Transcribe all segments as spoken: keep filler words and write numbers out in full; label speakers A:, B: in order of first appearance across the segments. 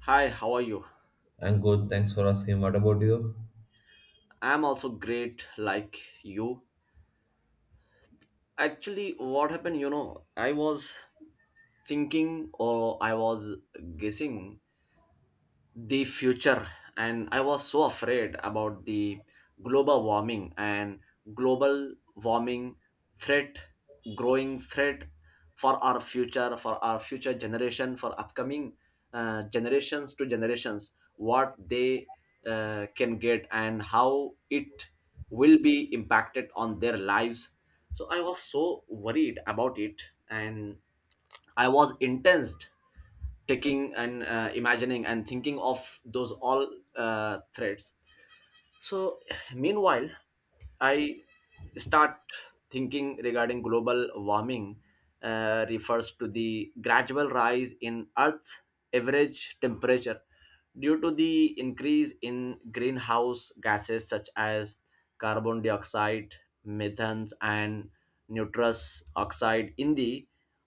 A: Hi, how are you?
B: I'm good. Thanks for asking. What about you?
A: I'm also great, like you. Actually, what happened, you know, I was thinking or I was guessing the future, and I was so afraid about the global warming and global warming threat growing threat for our future, for our future generation, for upcoming uh, generations to generations, what they uh, can get and how it will be impacted on their lives. So I was so worried about it, and I was intense taking and uh, imagining and thinking of those all uh, threads. So, meanwhile, I start thinking regarding global warming. Uh, refers to the gradual rise in earth's average temperature due to the increase in greenhouse gases such as carbon dioxide, methane, and nitrous oxide in the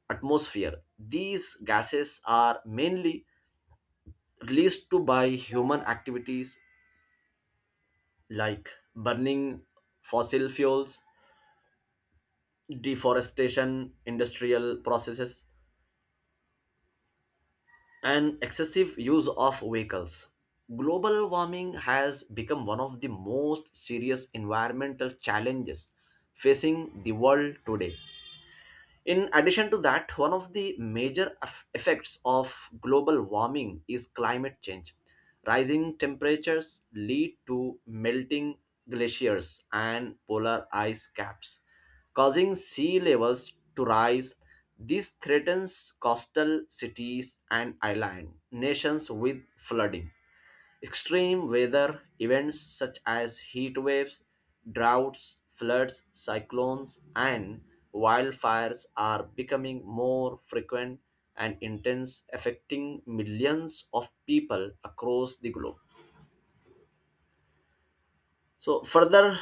A: atmosphere. These gases are mainly released to by human activities like burning fossil fuels, deforestation, industrial processes, and excessive use of vehicles. Global warming has become one of the most serious environmental challenges facing the world today. In addition to that, one of the major eff- effects of global warming is climate change. Rising temperatures lead to melting glaciers and polar ice caps, causing sea levels to rise. This threatens coastal cities and island nations with flooding. Extreme weather events such as heat waves, droughts, floods, cyclones, and wildfires are becoming more frequent and intense, affecting millions of people across the globe. So further,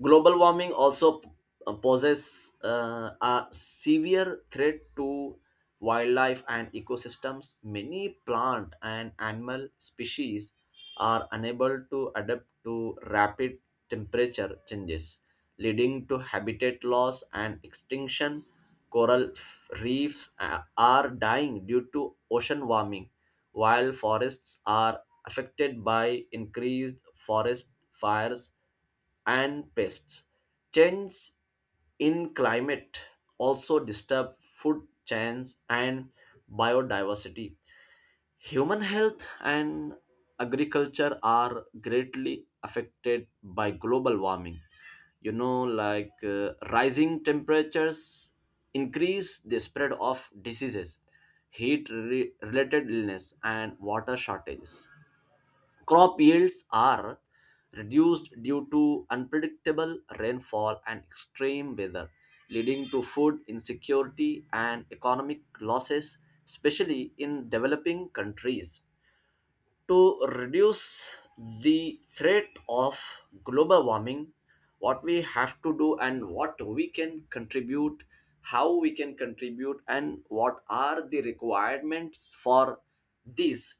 A: global warming also uh, poses uh, a severe threat to wildlife and ecosystems. Many plant and animal species are unable to adapt to rapid temperature changes, leading to habitat loss and extinction. Coral reefs uh, are dying due to ocean warming, while forests are affected by increased forest fires and pests. Change in climate also disturb food chains and biodiversity. Human health and agriculture are greatly affected by global warming. You know, like uh, rising temperatures increase the spread of diseases, heat re- related illness, and water shortages. Crop yields are reduced due to unpredictable rainfall and extreme weather, leading to food insecurity and economic losses, especially in developing countries. To reduce the threat of global warming, what we have to do and what we can contribute, how we can contribute and what are the requirements for this,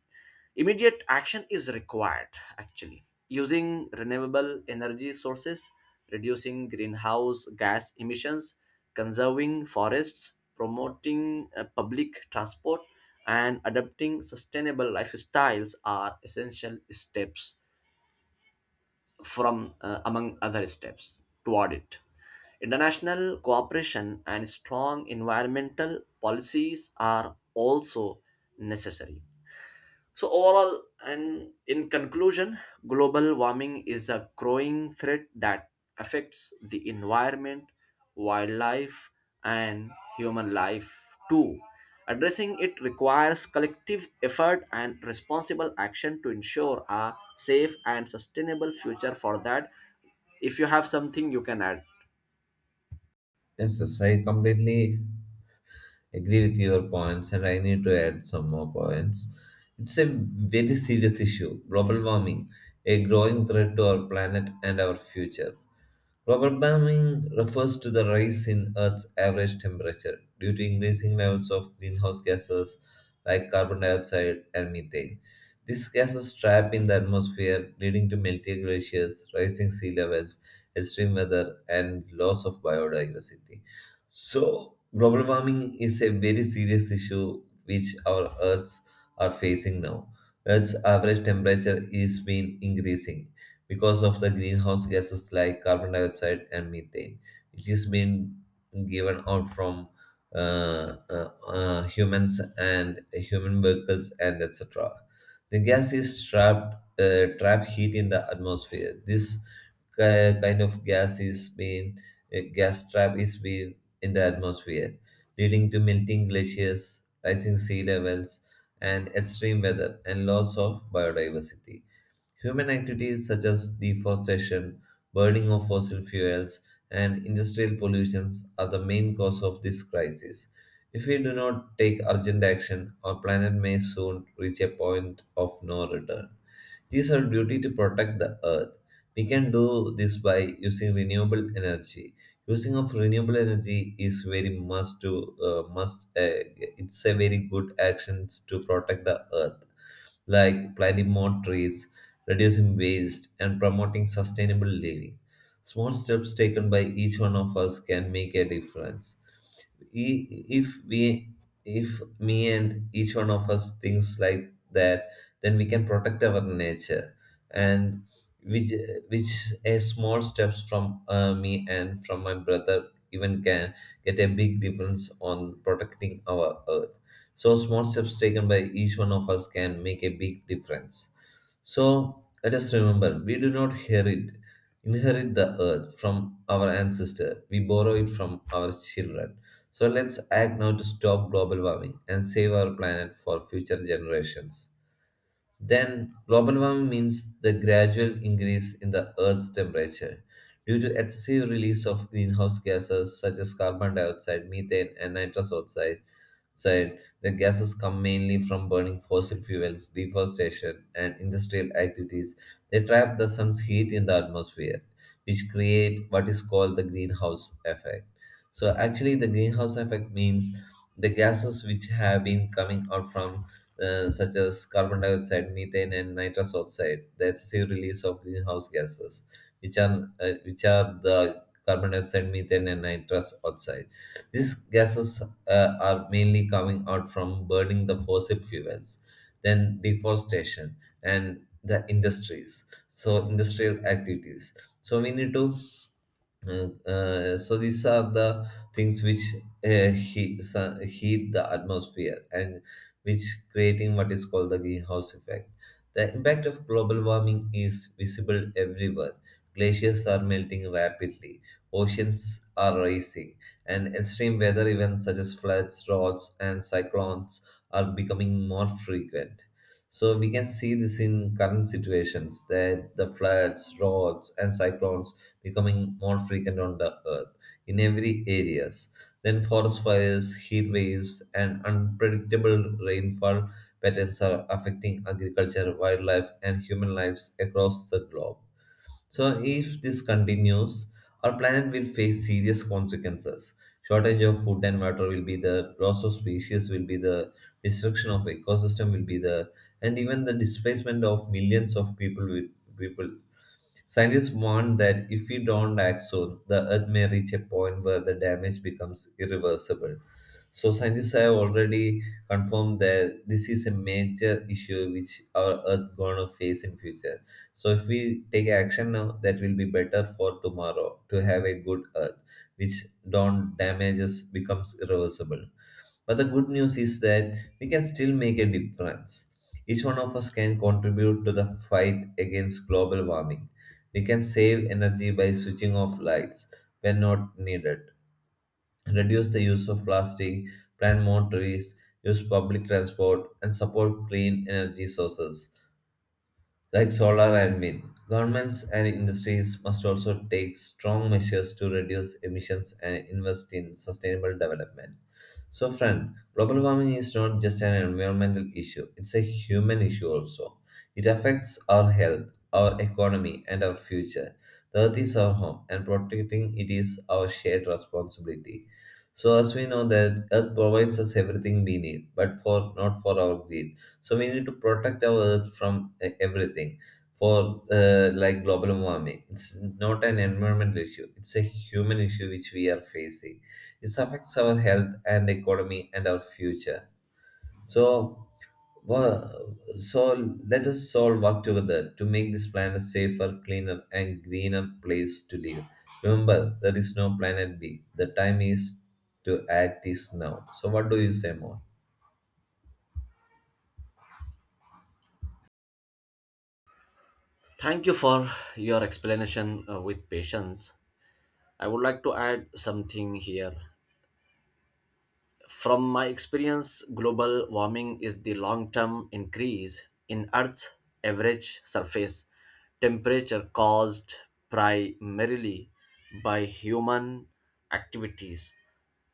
A: immediate action is required. Actually, using renewable energy sources, reducing greenhouse gas emissions, conserving forests, promoting uh, public transport, and adopting sustainable lifestyles are essential steps from uh, among other steps toward it. International cooperation and strong environmental policies are also necessary. So, overall, and in conclusion, global warming is a growing threat that affects the environment, wildlife, and human life too. Addressing it requires collective effort and responsible action to ensure a safe and sustainable future for that. If you have something you can add.
B: Yes, yes, I completely agree with your points, and I need to add some more points. It's a very serious issue global warming, a growing threat to our planet and our future. Global warming refers to the rise in Earth's average temperature due to increasing levels of greenhouse gases like carbon dioxide and methane. These gases trap in the atmosphere, leading to melting glaciers, rising sea levels, extreme weather, and loss of biodiversity. So, global warming is a very serious issue which our Earths are facing now. Earth's average temperature is been increasing because of the greenhouse gases like carbon dioxide and methane, which is being given out from uh, uh, uh, humans and human vehicles and et cetera. The gas is trapped uh, trap heat in the atmosphere. This ki- kind of gas is being a gas trap is being in the atmosphere, leading to melting glaciers, rising sea levels, and extreme weather and loss of biodiversity. Human activities such as deforestation, burning of fossil fuels, and industrial pollutions are the main cause of this crisis. If we do not take urgent action, our planet may soon reach a point of no return. It is our duty to protect the earth. We can do this by using renewable energy. Using of renewable energy is very must to uh, must. Uh, it's a very good actions to protect the earth like planting more trees, reducing waste, and promoting sustainable living. Small steps taken by each one of us can make a difference i- if we, if me and each one of us thinks like that, then we can protect our nature and which which a small steps from uh, me and from my brother even can get a big difference on protecting our earth. So small steps taken by each one of us can make a big difference. So let us remember, we do not inherit, inherit the earth from our ancestors, we borrow it from our children. So let's act now to stop global warming and save our planet for future generations. Then, global warming means the gradual increase in the Earth's temperature due to excessive release of greenhouse gases such as carbon dioxide, methane, and nitrous oxide. Side, the gases come mainly from burning fossil fuels, deforestation, and industrial activities. They trap the sun's heat in the atmosphere, which create what is called the greenhouse effect. So, actually, the greenhouse effect means the gases which have been coming out from uh, such as carbon dioxide, methane, and nitrous oxide, the excessive release of greenhouse gases, which are uh, which are the carbon dioxide, methane, and nitrous oxide. These gases uh, are mainly coming out from burning the fossil fuels, then deforestation, and the industries. So industrial activities. So we need to and, uh, so these are the things which uh, heat, sun, heat the atmosphere and which creating what is called the greenhouse effect. The impact of global warming is visible everywhere. Glaciers are melting rapidly, oceans are rising, and extreme weather events such as floods, droughts, and cyclones are becoming more frequent. So we can see this in current situations that the floods, droughts, and cyclones becoming more frequent on the earth in every areas. Then forest fires, heat waves, and unpredictable rainfall patterns are affecting agriculture, wildlife, and human lives across the globe. So if this continues, our planet will face serious consequences. Shortage of food and water will be there, loss of species will be there, destruction of ecosystem will be there, and even the displacement of millions of people will, people. Scientists warn that if we don't act soon, the Earth may reach a point where the damage becomes irreversible. So scientists have already confirmed that this is a major issue which our Earth gonna face in future. So if we take action now, that will be better for tomorrow to have a good Earth, which don't damages becomes irreversible. But the good news is that we can still make a difference. Each one of us can contribute to the fight against global warming. We can save energy by switching off lights when not needed, reduce the use of plastic, plant more trees, use public transport, and support clean energy sources like solar and wind. Governments and industries must also take strong measures to reduce emissions and invest in sustainable development. So, friend, global warming is not just an environmental issue, it's a human issue also. It affects our health, our economy, and our future. The earth is our home, and protecting it is our shared responsibility. So, as we know that earth provides us everything we need, but for not for our greed. So, we need to protect our earth from uh, everything. For uh, like global warming, it's not an environmental issue; it's a human issue which we are facing. It affects our health and economy and our future. So, wo- so let us all work together to make this planet safer, cleaner, and greener place to live. Remember, there is no planet B. The time is to act is now. So, what do you say more?
A: Thank you for your explanation uh, with patience. I would like to add something here. From my experience, global warming is the long term increase in Earth's average surface temperature caused primarily by human activities.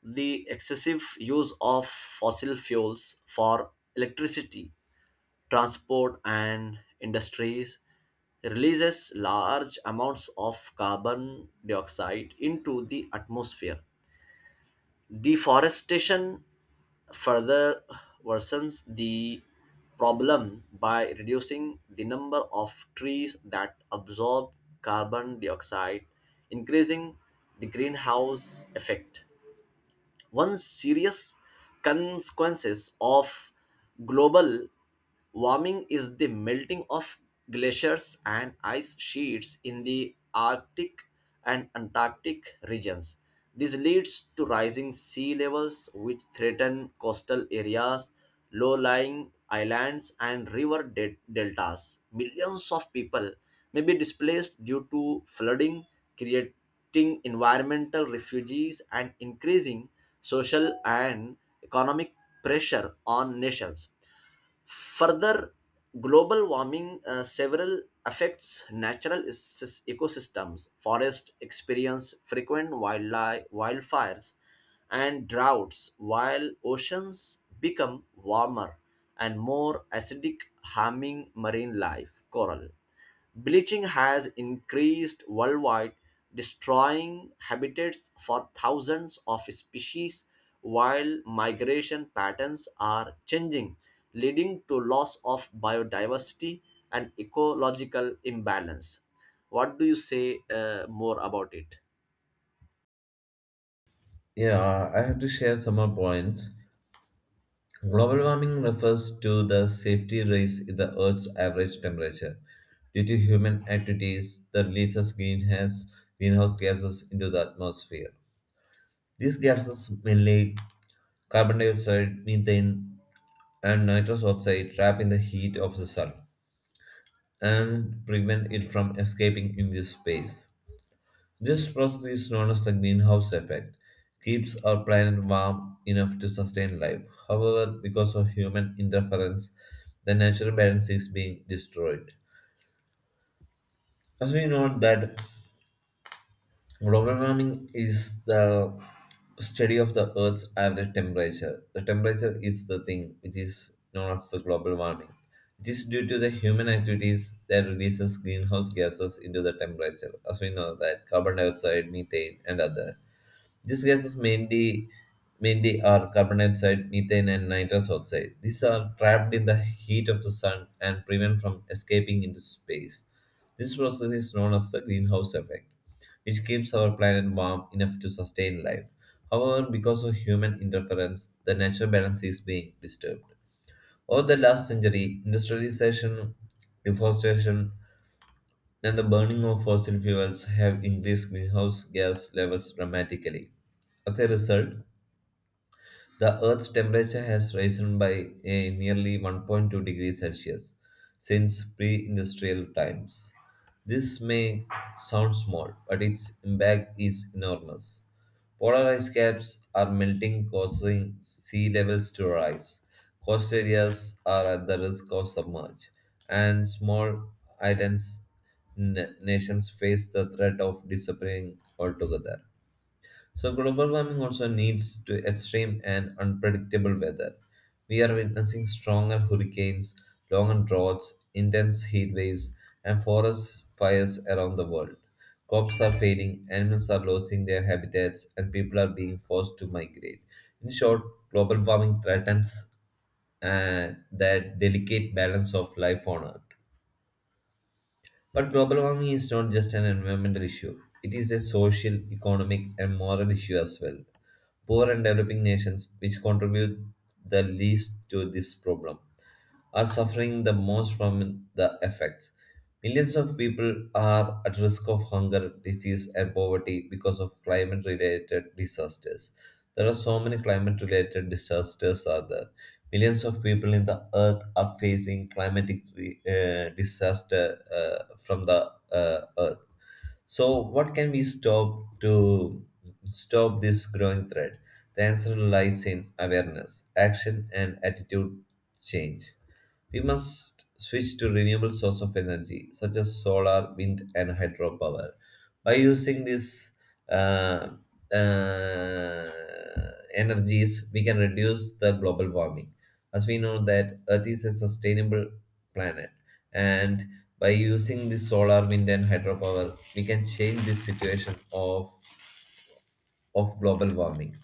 A: The excessive use of fossil fuels for electricity, transport, and industries releases large amounts of carbon dioxide into the atmosphere. Deforestation further worsens the problem by reducing the number of trees that absorb carbon dioxide, increasing the greenhouse effect. One serious consequences of global warming is the melting of glaciers and ice sheets in the Arctic and Antarctic regions. This leads to rising sea levels, which threaten coastal areas, low lying islands, and river de- deltas. Millions of people may be displaced due to flooding, creating environmental refugees, and increasing social and economic pressure on nations. Further, global warming uh, several affects natural is- ecosystems. Forests experience frequent wildlife, wildfires and droughts, while oceans become warmer and more acidic, harming marine life, coral. Bleaching has increased worldwide, destroying habitats for thousands of species, while migration patterns are changing, leading to loss of biodiversity and ecological imbalance. What do you say uh, more about it?
B: Yeah, I have to share some more points. Global warming refers to the safety rise in the Earth's average temperature due to human activities that releases greenhouse, greenhouse gases into the atmosphere. These gases, mainly carbon dioxide, methane, and nitrous oxide, trap in the heat of the sun and prevent it from escaping into space. This process is known as the greenhouse effect, keeps our planet warm enough to sustain life. However, because of human interference, the natural balance is being destroyed. As we know that global warming is the study of the Earth's average temperature. The temperature is the thing which is known as the global warming. It is due to the human activities that releases greenhouse gases into the temperature, as we know that carbon dioxide, methane, and other. These gases mainly mainly are carbon dioxide, methane, and nitrous oxide. These are trapped in the heat of the sun and prevent from escaping into space. This process is known as the greenhouse effect, which keeps our planet warm enough to sustain life. However, because of human interference, the natural balance is being disturbed. Over the last century, industrialization, deforestation, and the burning of fossil fuels have increased greenhouse gas levels dramatically. As a result, the Earth's temperature has risen by a nearly one point two degrees Celsius since pre industrial times. This may sound small, but its impact is enormous. Polar ice caps are melting, causing sea levels to rise. Coast areas are at the risk of submerge, and small islands n- nations face the threat of disappearing altogether. So, global warming also leads to extreme and unpredictable weather. We are witnessing stronger hurricanes, longer droughts, intense heat waves, and forest fires around the world. Crops are failing, animals are losing their habitats, and people are being forced to migrate. In short, global warming threatens uh, that delicate balance of life on Earth. But global warming is not just an environmental issue, it is a social, economic, and moral issue as well. Poor and developing nations, which contribute the least to this problem, are suffering the most from the effects. Millions of people are at risk of hunger, disease, and poverty because of climate related disasters. There are so many climate related disasters are there. Millions of people in the earth are facing climatic uh, disaster uh, from the uh, earth. So, what can we stop to stop this growing threat? The answer lies in awareness, action, and attitude change. We must switch to renewable source of energy, such as solar, wind, and hydropower. By using these uh, uh, energies, we can reduce the global warming. As we know that Earth is a sustainable planet, and by using the solar, wind, and hydropower, we can change the situation of of global warming.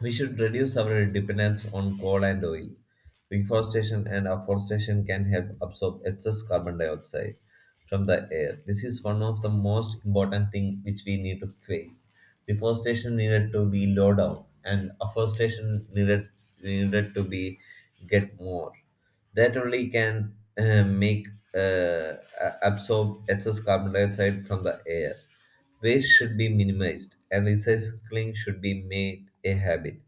B: We should reduce our dependence on coal and oil. Reforestation and afforestation can help absorb excess carbon dioxide from the air. This is one of the most important thing which we need to face. Deforestation needed to be low down, and afforestation needed needed to be get more. That only can uh, make uh, a- absorb excess carbon dioxide from the air. Waste should be minimized, and recycling should be made a habit.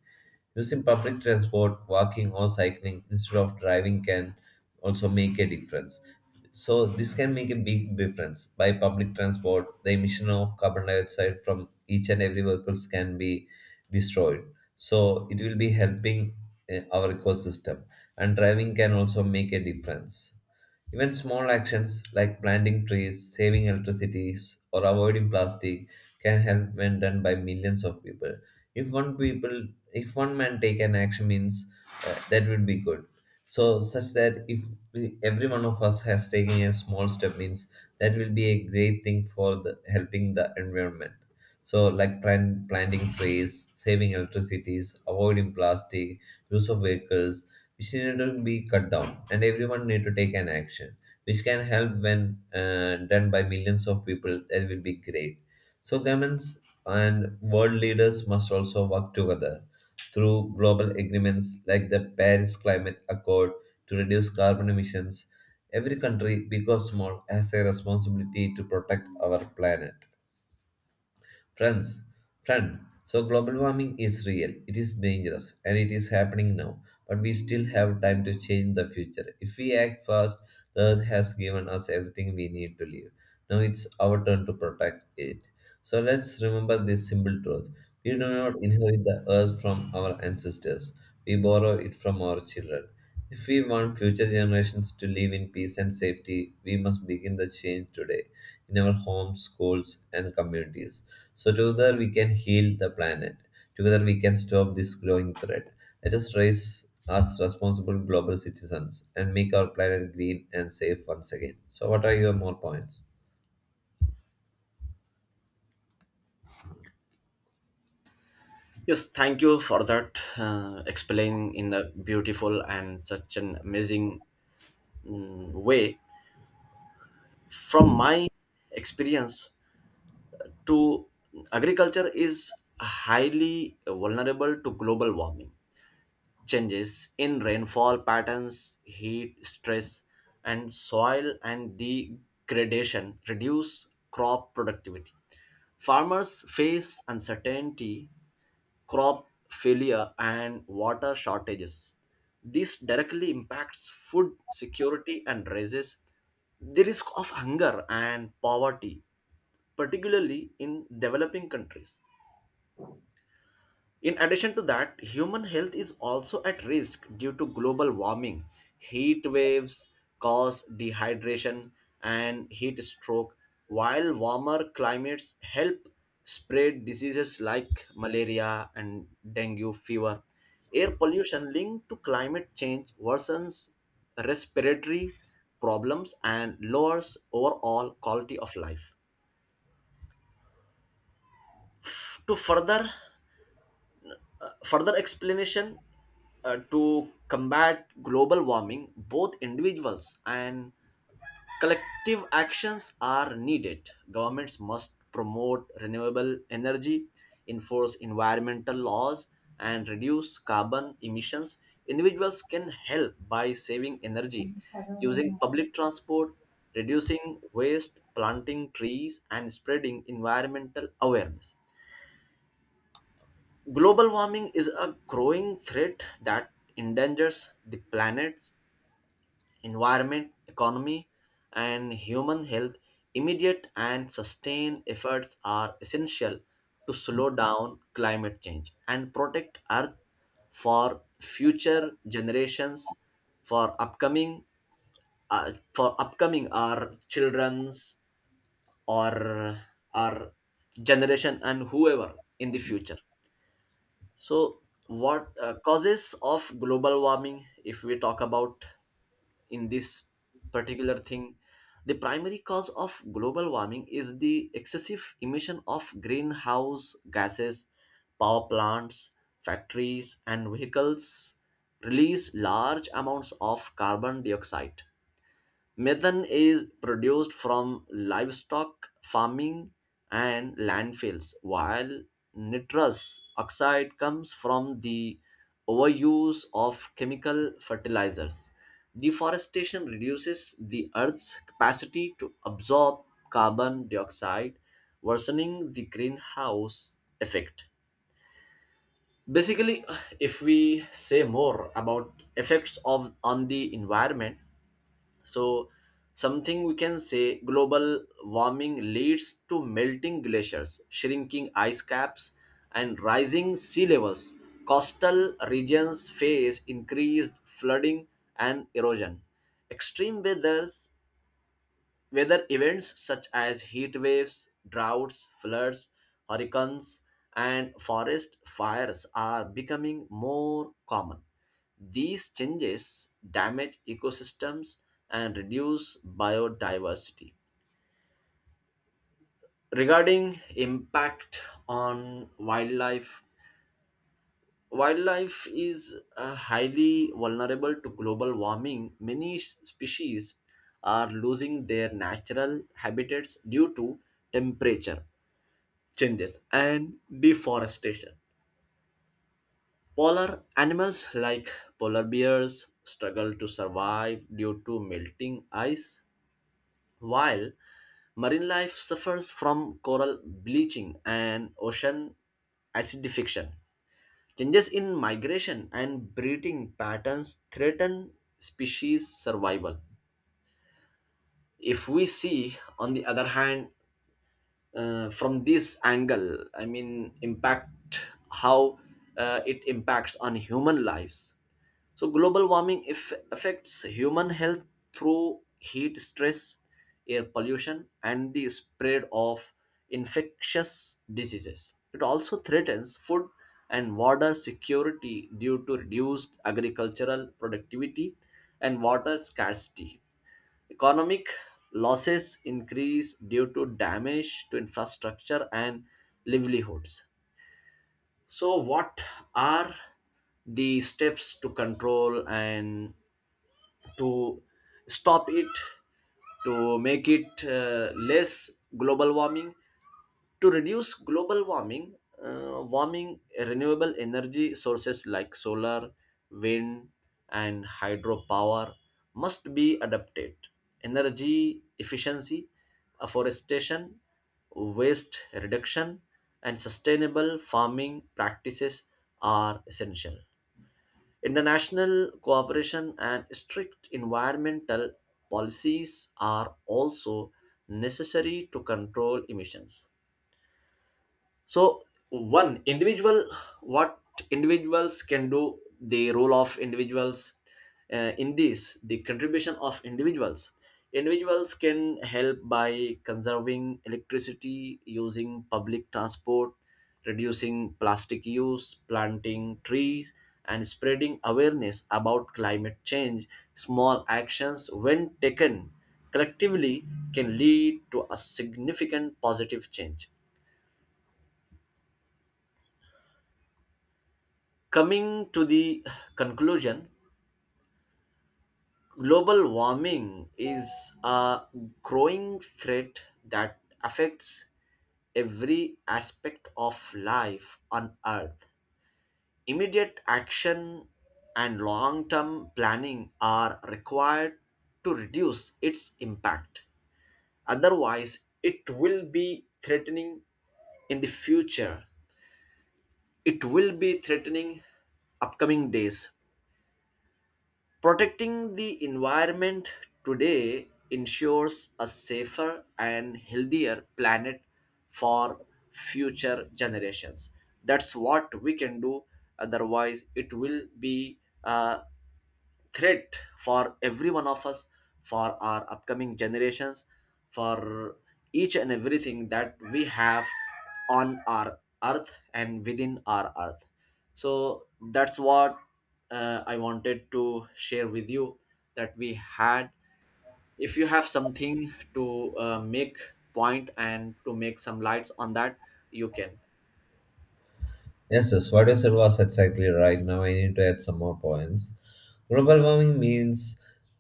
B: Using public transport, walking, or cycling instead of driving can also make a difference. So, this can make a big difference. By public transport, the emission of carbon dioxide from each and every vehicles can be destroyed. So, it will be helping eh, our ecosystem. And driving can also make a difference. Even small actions like planting trees, saving electricity, or avoiding plastic can help when done by millions of people. If one people if one man take an action means uh, that would be good, so such that if we- every one of us has taken a small step means that will be a great thing for the helping the environment. So like plan, planting trees, saving electricities, avoiding plastic, use of vehicles, which need to be cut down, and everyone need to take an action, which can help when uh, done by millions of people, that will be great. So governments and world leaders must also work together through global agreements like the Paris Climate Accord to reduce carbon emissions. Every country, big or small, has a responsibility to protect our planet. Friends, friend, so global warming is real, it is dangerous, and it is happening now. But we still have time to change the future. If we act fast, the earth has given us everything we need to live. Now it's our turn to protect it. So let's remember this simple truth. We do not inherit the earth from our ancestors, we borrow it from our children. If we want future generations to live in peace and safety, we must begin the change today in our homes, schools, and communities. So, together we can heal the planet. Together we can stop this growing threat. Let us raise as responsible global citizens and make our planet green and safe once again. So, what are your more points?
A: Yes, thank you for that uh, explaining in a beautiful and such an amazing mm, way. From my experience, to agriculture is highly vulnerable to global warming. Changes in rainfall patterns, heat stress, and soil and degradation reduce crop productivity. Farmers face uncertainty, crop failure, and water shortages. This directly impacts food security and raises the risk of hunger and poverty, particularly in developing countries. In addition to that, human health is also at risk due to global warming. Heat waves cause dehydration and heat stroke, while warmer climates help spread diseases like malaria and dengue fever. Air pollution linked to climate change worsens respiratory problems and lowers overall quality of life. To further Further explanation, uh, to combat global warming, both individuals and collective actions are needed. Governments must promote renewable energy, enforce environmental laws, and reduce carbon emissions. Individuals can help by saving energy, using public transport, reducing waste, planting trees, and spreading environmental awareness. Global warming is a growing threat that endangers the planet's environment, economy, and human health. Immediate and sustained efforts are essential to slow down climate change and protect Earth for future generations, for upcoming, uh, for upcoming our children's or our generation and whoever in the future. So, what uh, causes of global warming, if we talk about in this particular thing, the primary cause of global warming is the excessive emission of greenhouse gases. Power plants, factories, and vehicles release large amounts of carbon dioxide. Methane is produced from livestock farming and landfills, while nitrous oxide comes from the overuse of chemical fertilizers. Deforestation reduces the Earth's capacity to absorb carbon dioxide, worsening the greenhouse effect. Basically, if we say more about effects of on the environment, so, something we can say global warming leads to melting glaciers, shrinking ice caps, and rising sea levels. Coastal regions face increased flooding and erosion. Extreme weathers Weather events such as heat waves, droughts, floods, hurricanes, and forest fires are becoming more common. These changes damage ecosystems and reduce biodiversity. Regarding impact on wildlife, wildlife is uh, highly vulnerable to global warming. Many s- species are losing their natural habitats due to temperature changes and deforestation. Polar animals like polar bears struggle to survive due to melting ice, while marine life suffers from coral bleaching and ocean acidification. Changes in migration and breeding patterns threaten species survival. If we see, on the other hand, uh, from this angle I mean impact how uh, it impacts on human lives, so global warming if affects human health through heat stress, air pollution, and the spread of infectious diseases. It also threatens food and water security due to reduced agricultural productivity and water scarcity. Economic losses increase due to damage to infrastructure and livelihoods. So, what are the steps to control and to stop it, to make it uh, less global warming, to reduce global warming, uh, warming renewable energy sources like solar, wind, and hydropower must be adapted. Energy efficiency, afforestation, waste reduction, and sustainable farming practices are essential. International cooperation and strict environmental policies are also necessary to control emissions. So, one individual, what individuals can do, the role of individuals uh, in this, the contribution of individuals, individuals can help by conserving electricity, using public transport, reducing plastic use, planting trees, and spreading awareness about climate change. Small actions when taken collectively can lead to a significant positive change. Coming to the conclusion, global warming is a growing threat that affects every aspect of life on Earth. Immediate action and long term planning are required to reduce its impact. Otherwise, it will be threatening in the future. It will be threatening upcoming days. Protecting the environment today ensures a safer and healthier planet for future generations. That's what we can do. Otherwise, it will be uh, threat for every one of us, for our upcoming generations, for each and everything that we have on our earth and within our earth. So that's what uh, I wanted to share with you that we had. If you have something to uh, make point and to make some lights on that, you can.
B: Yes, yes, what you said was exactly right. Now I need to add some more points. Global warming means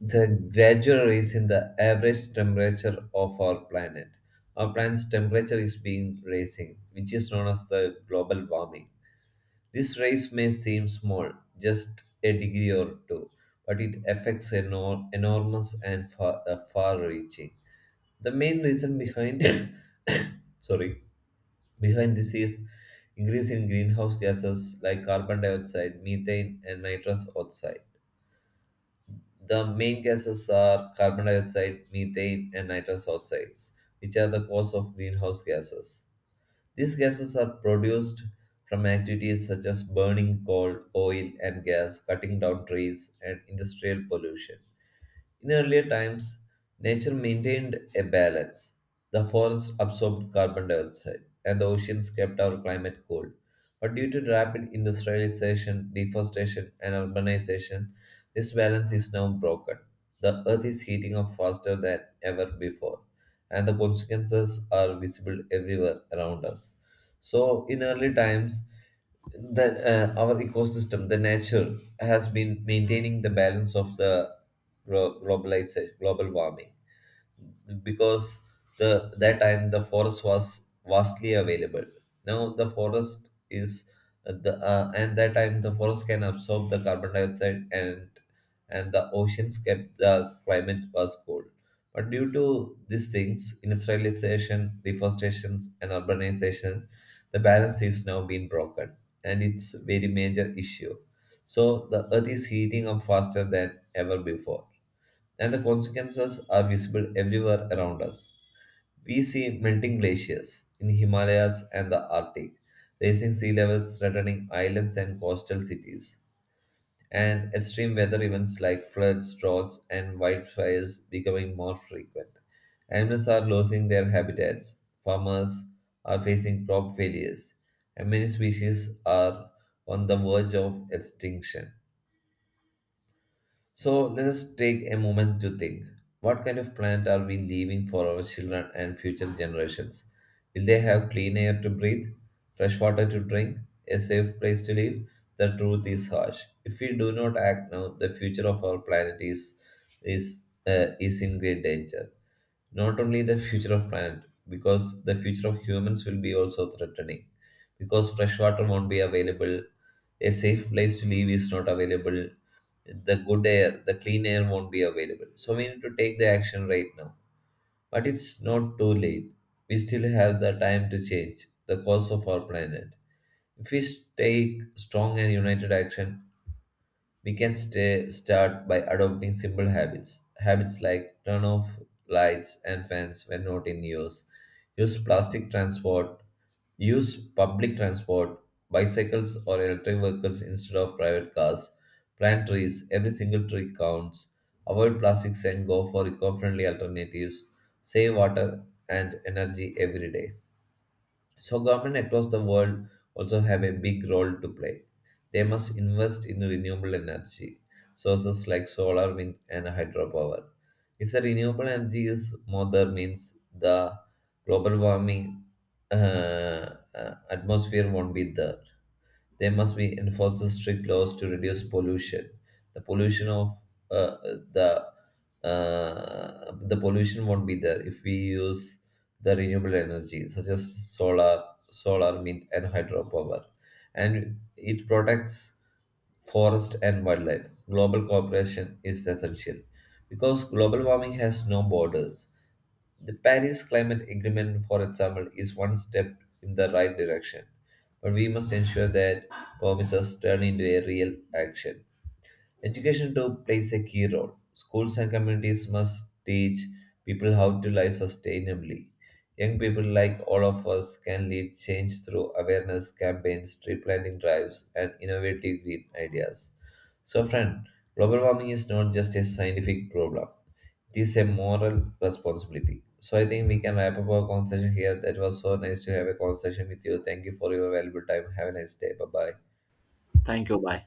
B: the gradual rise in the average temperature of our planet. Our planet's temperature is being rising, which is known as the global warming. This rise may seem small, just a degree or two, but it affects enor- enormous and far, uh, far-reaching. The main reason behind, sorry, behind this is increase in greenhouse gases like carbon dioxide, methane, and nitrous oxide. The main gases are carbon dioxide, methane, and nitrous oxides, which are the cause of greenhouse gases. These gases are produced from activities such as burning coal, oil, and gas, cutting down trees, and industrial pollution. In earlier times, nature maintained a balance. The forests absorbed carbon dioxide, and the oceans kept our climate cool. But due to rapid industrialization, deforestation, and urbanization, this balance is now broken. The earth is heating up faster than ever before, and the consequences are visible everywhere around us. So in early times, that uh, our ecosystem, the nature, has been maintaining the balance of the glo- globaliza- global warming, because the that time the forest was vastly available. Now the forest is uh, the uh, and that time the forest can absorb the carbon dioxide, and and the oceans kept the climate was cold. But due to these things, industrialization, deforestation, and urbanization, the balance is now being broken, and it's very major issue. So the earth is heating up faster than ever before, and the consequences are visible everywhere around us. We see melting glaciers in Himalayas and the Arctic, raising sea levels threatening islands and coastal cities, and extreme weather events like floods, droughts, and wildfires becoming more frequent. Animals are losing their habitats, farmers are facing crop failures, and many species are on the verge of extinction. So let us take a moment to think. What kind of planet are we leaving for our children and future generations? Will they have clean air to breathe, fresh water to drink, a safe place to live? The truth is harsh. If we do not act now, the future of our planet is is uh, is in great danger. Not only the future of planet, because the future of humans will be also threatening. Because fresh water won't be available, a safe place to live is not available, the good air, the clean air won't be available. So we need to take the action right now. But it's not too late. We still have the time to change the course of our planet. If we take strong and united action, we can stay, start by adopting simple habits. Habits like turn off lights and fans when not in use, use plastic transport, use public transport, bicycles or electric vehicles instead of private cars, plant trees, every single tree counts, avoid plastics and go for eco friendly alternatives, save water and energy every day. So government across the world also have a big role to play. They must invest in renewable energy sources like solar, wind, and hydropower. If the renewable energy is modern means the global warming uh, uh, atmosphere won't be there. There must be enforced strict laws to reduce pollution. The pollution of uh, the uh, the pollution won't be there if we use the renewable energy such as solar, solar, wind, and hydropower, and it protects forest and wildlife. Global cooperation is essential because global warming has no borders. The Paris Climate Agreement, for example, is one step in the right direction, but we must ensure that promises turn into a real action. Education too plays a key role. Schools and communities must teach people how to live sustainably. Young people like all of us can lead change through awareness campaigns, tree planting drives, and innovative green ideas. So, friend, global warming is not just a scientific problem; it is a moral responsibility. So, I think we can wrap up our conversation here. That was so nice to have a conversation with you. Thank you for your valuable time. Have a nice day. Bye bye.
A: Thank you. Bye.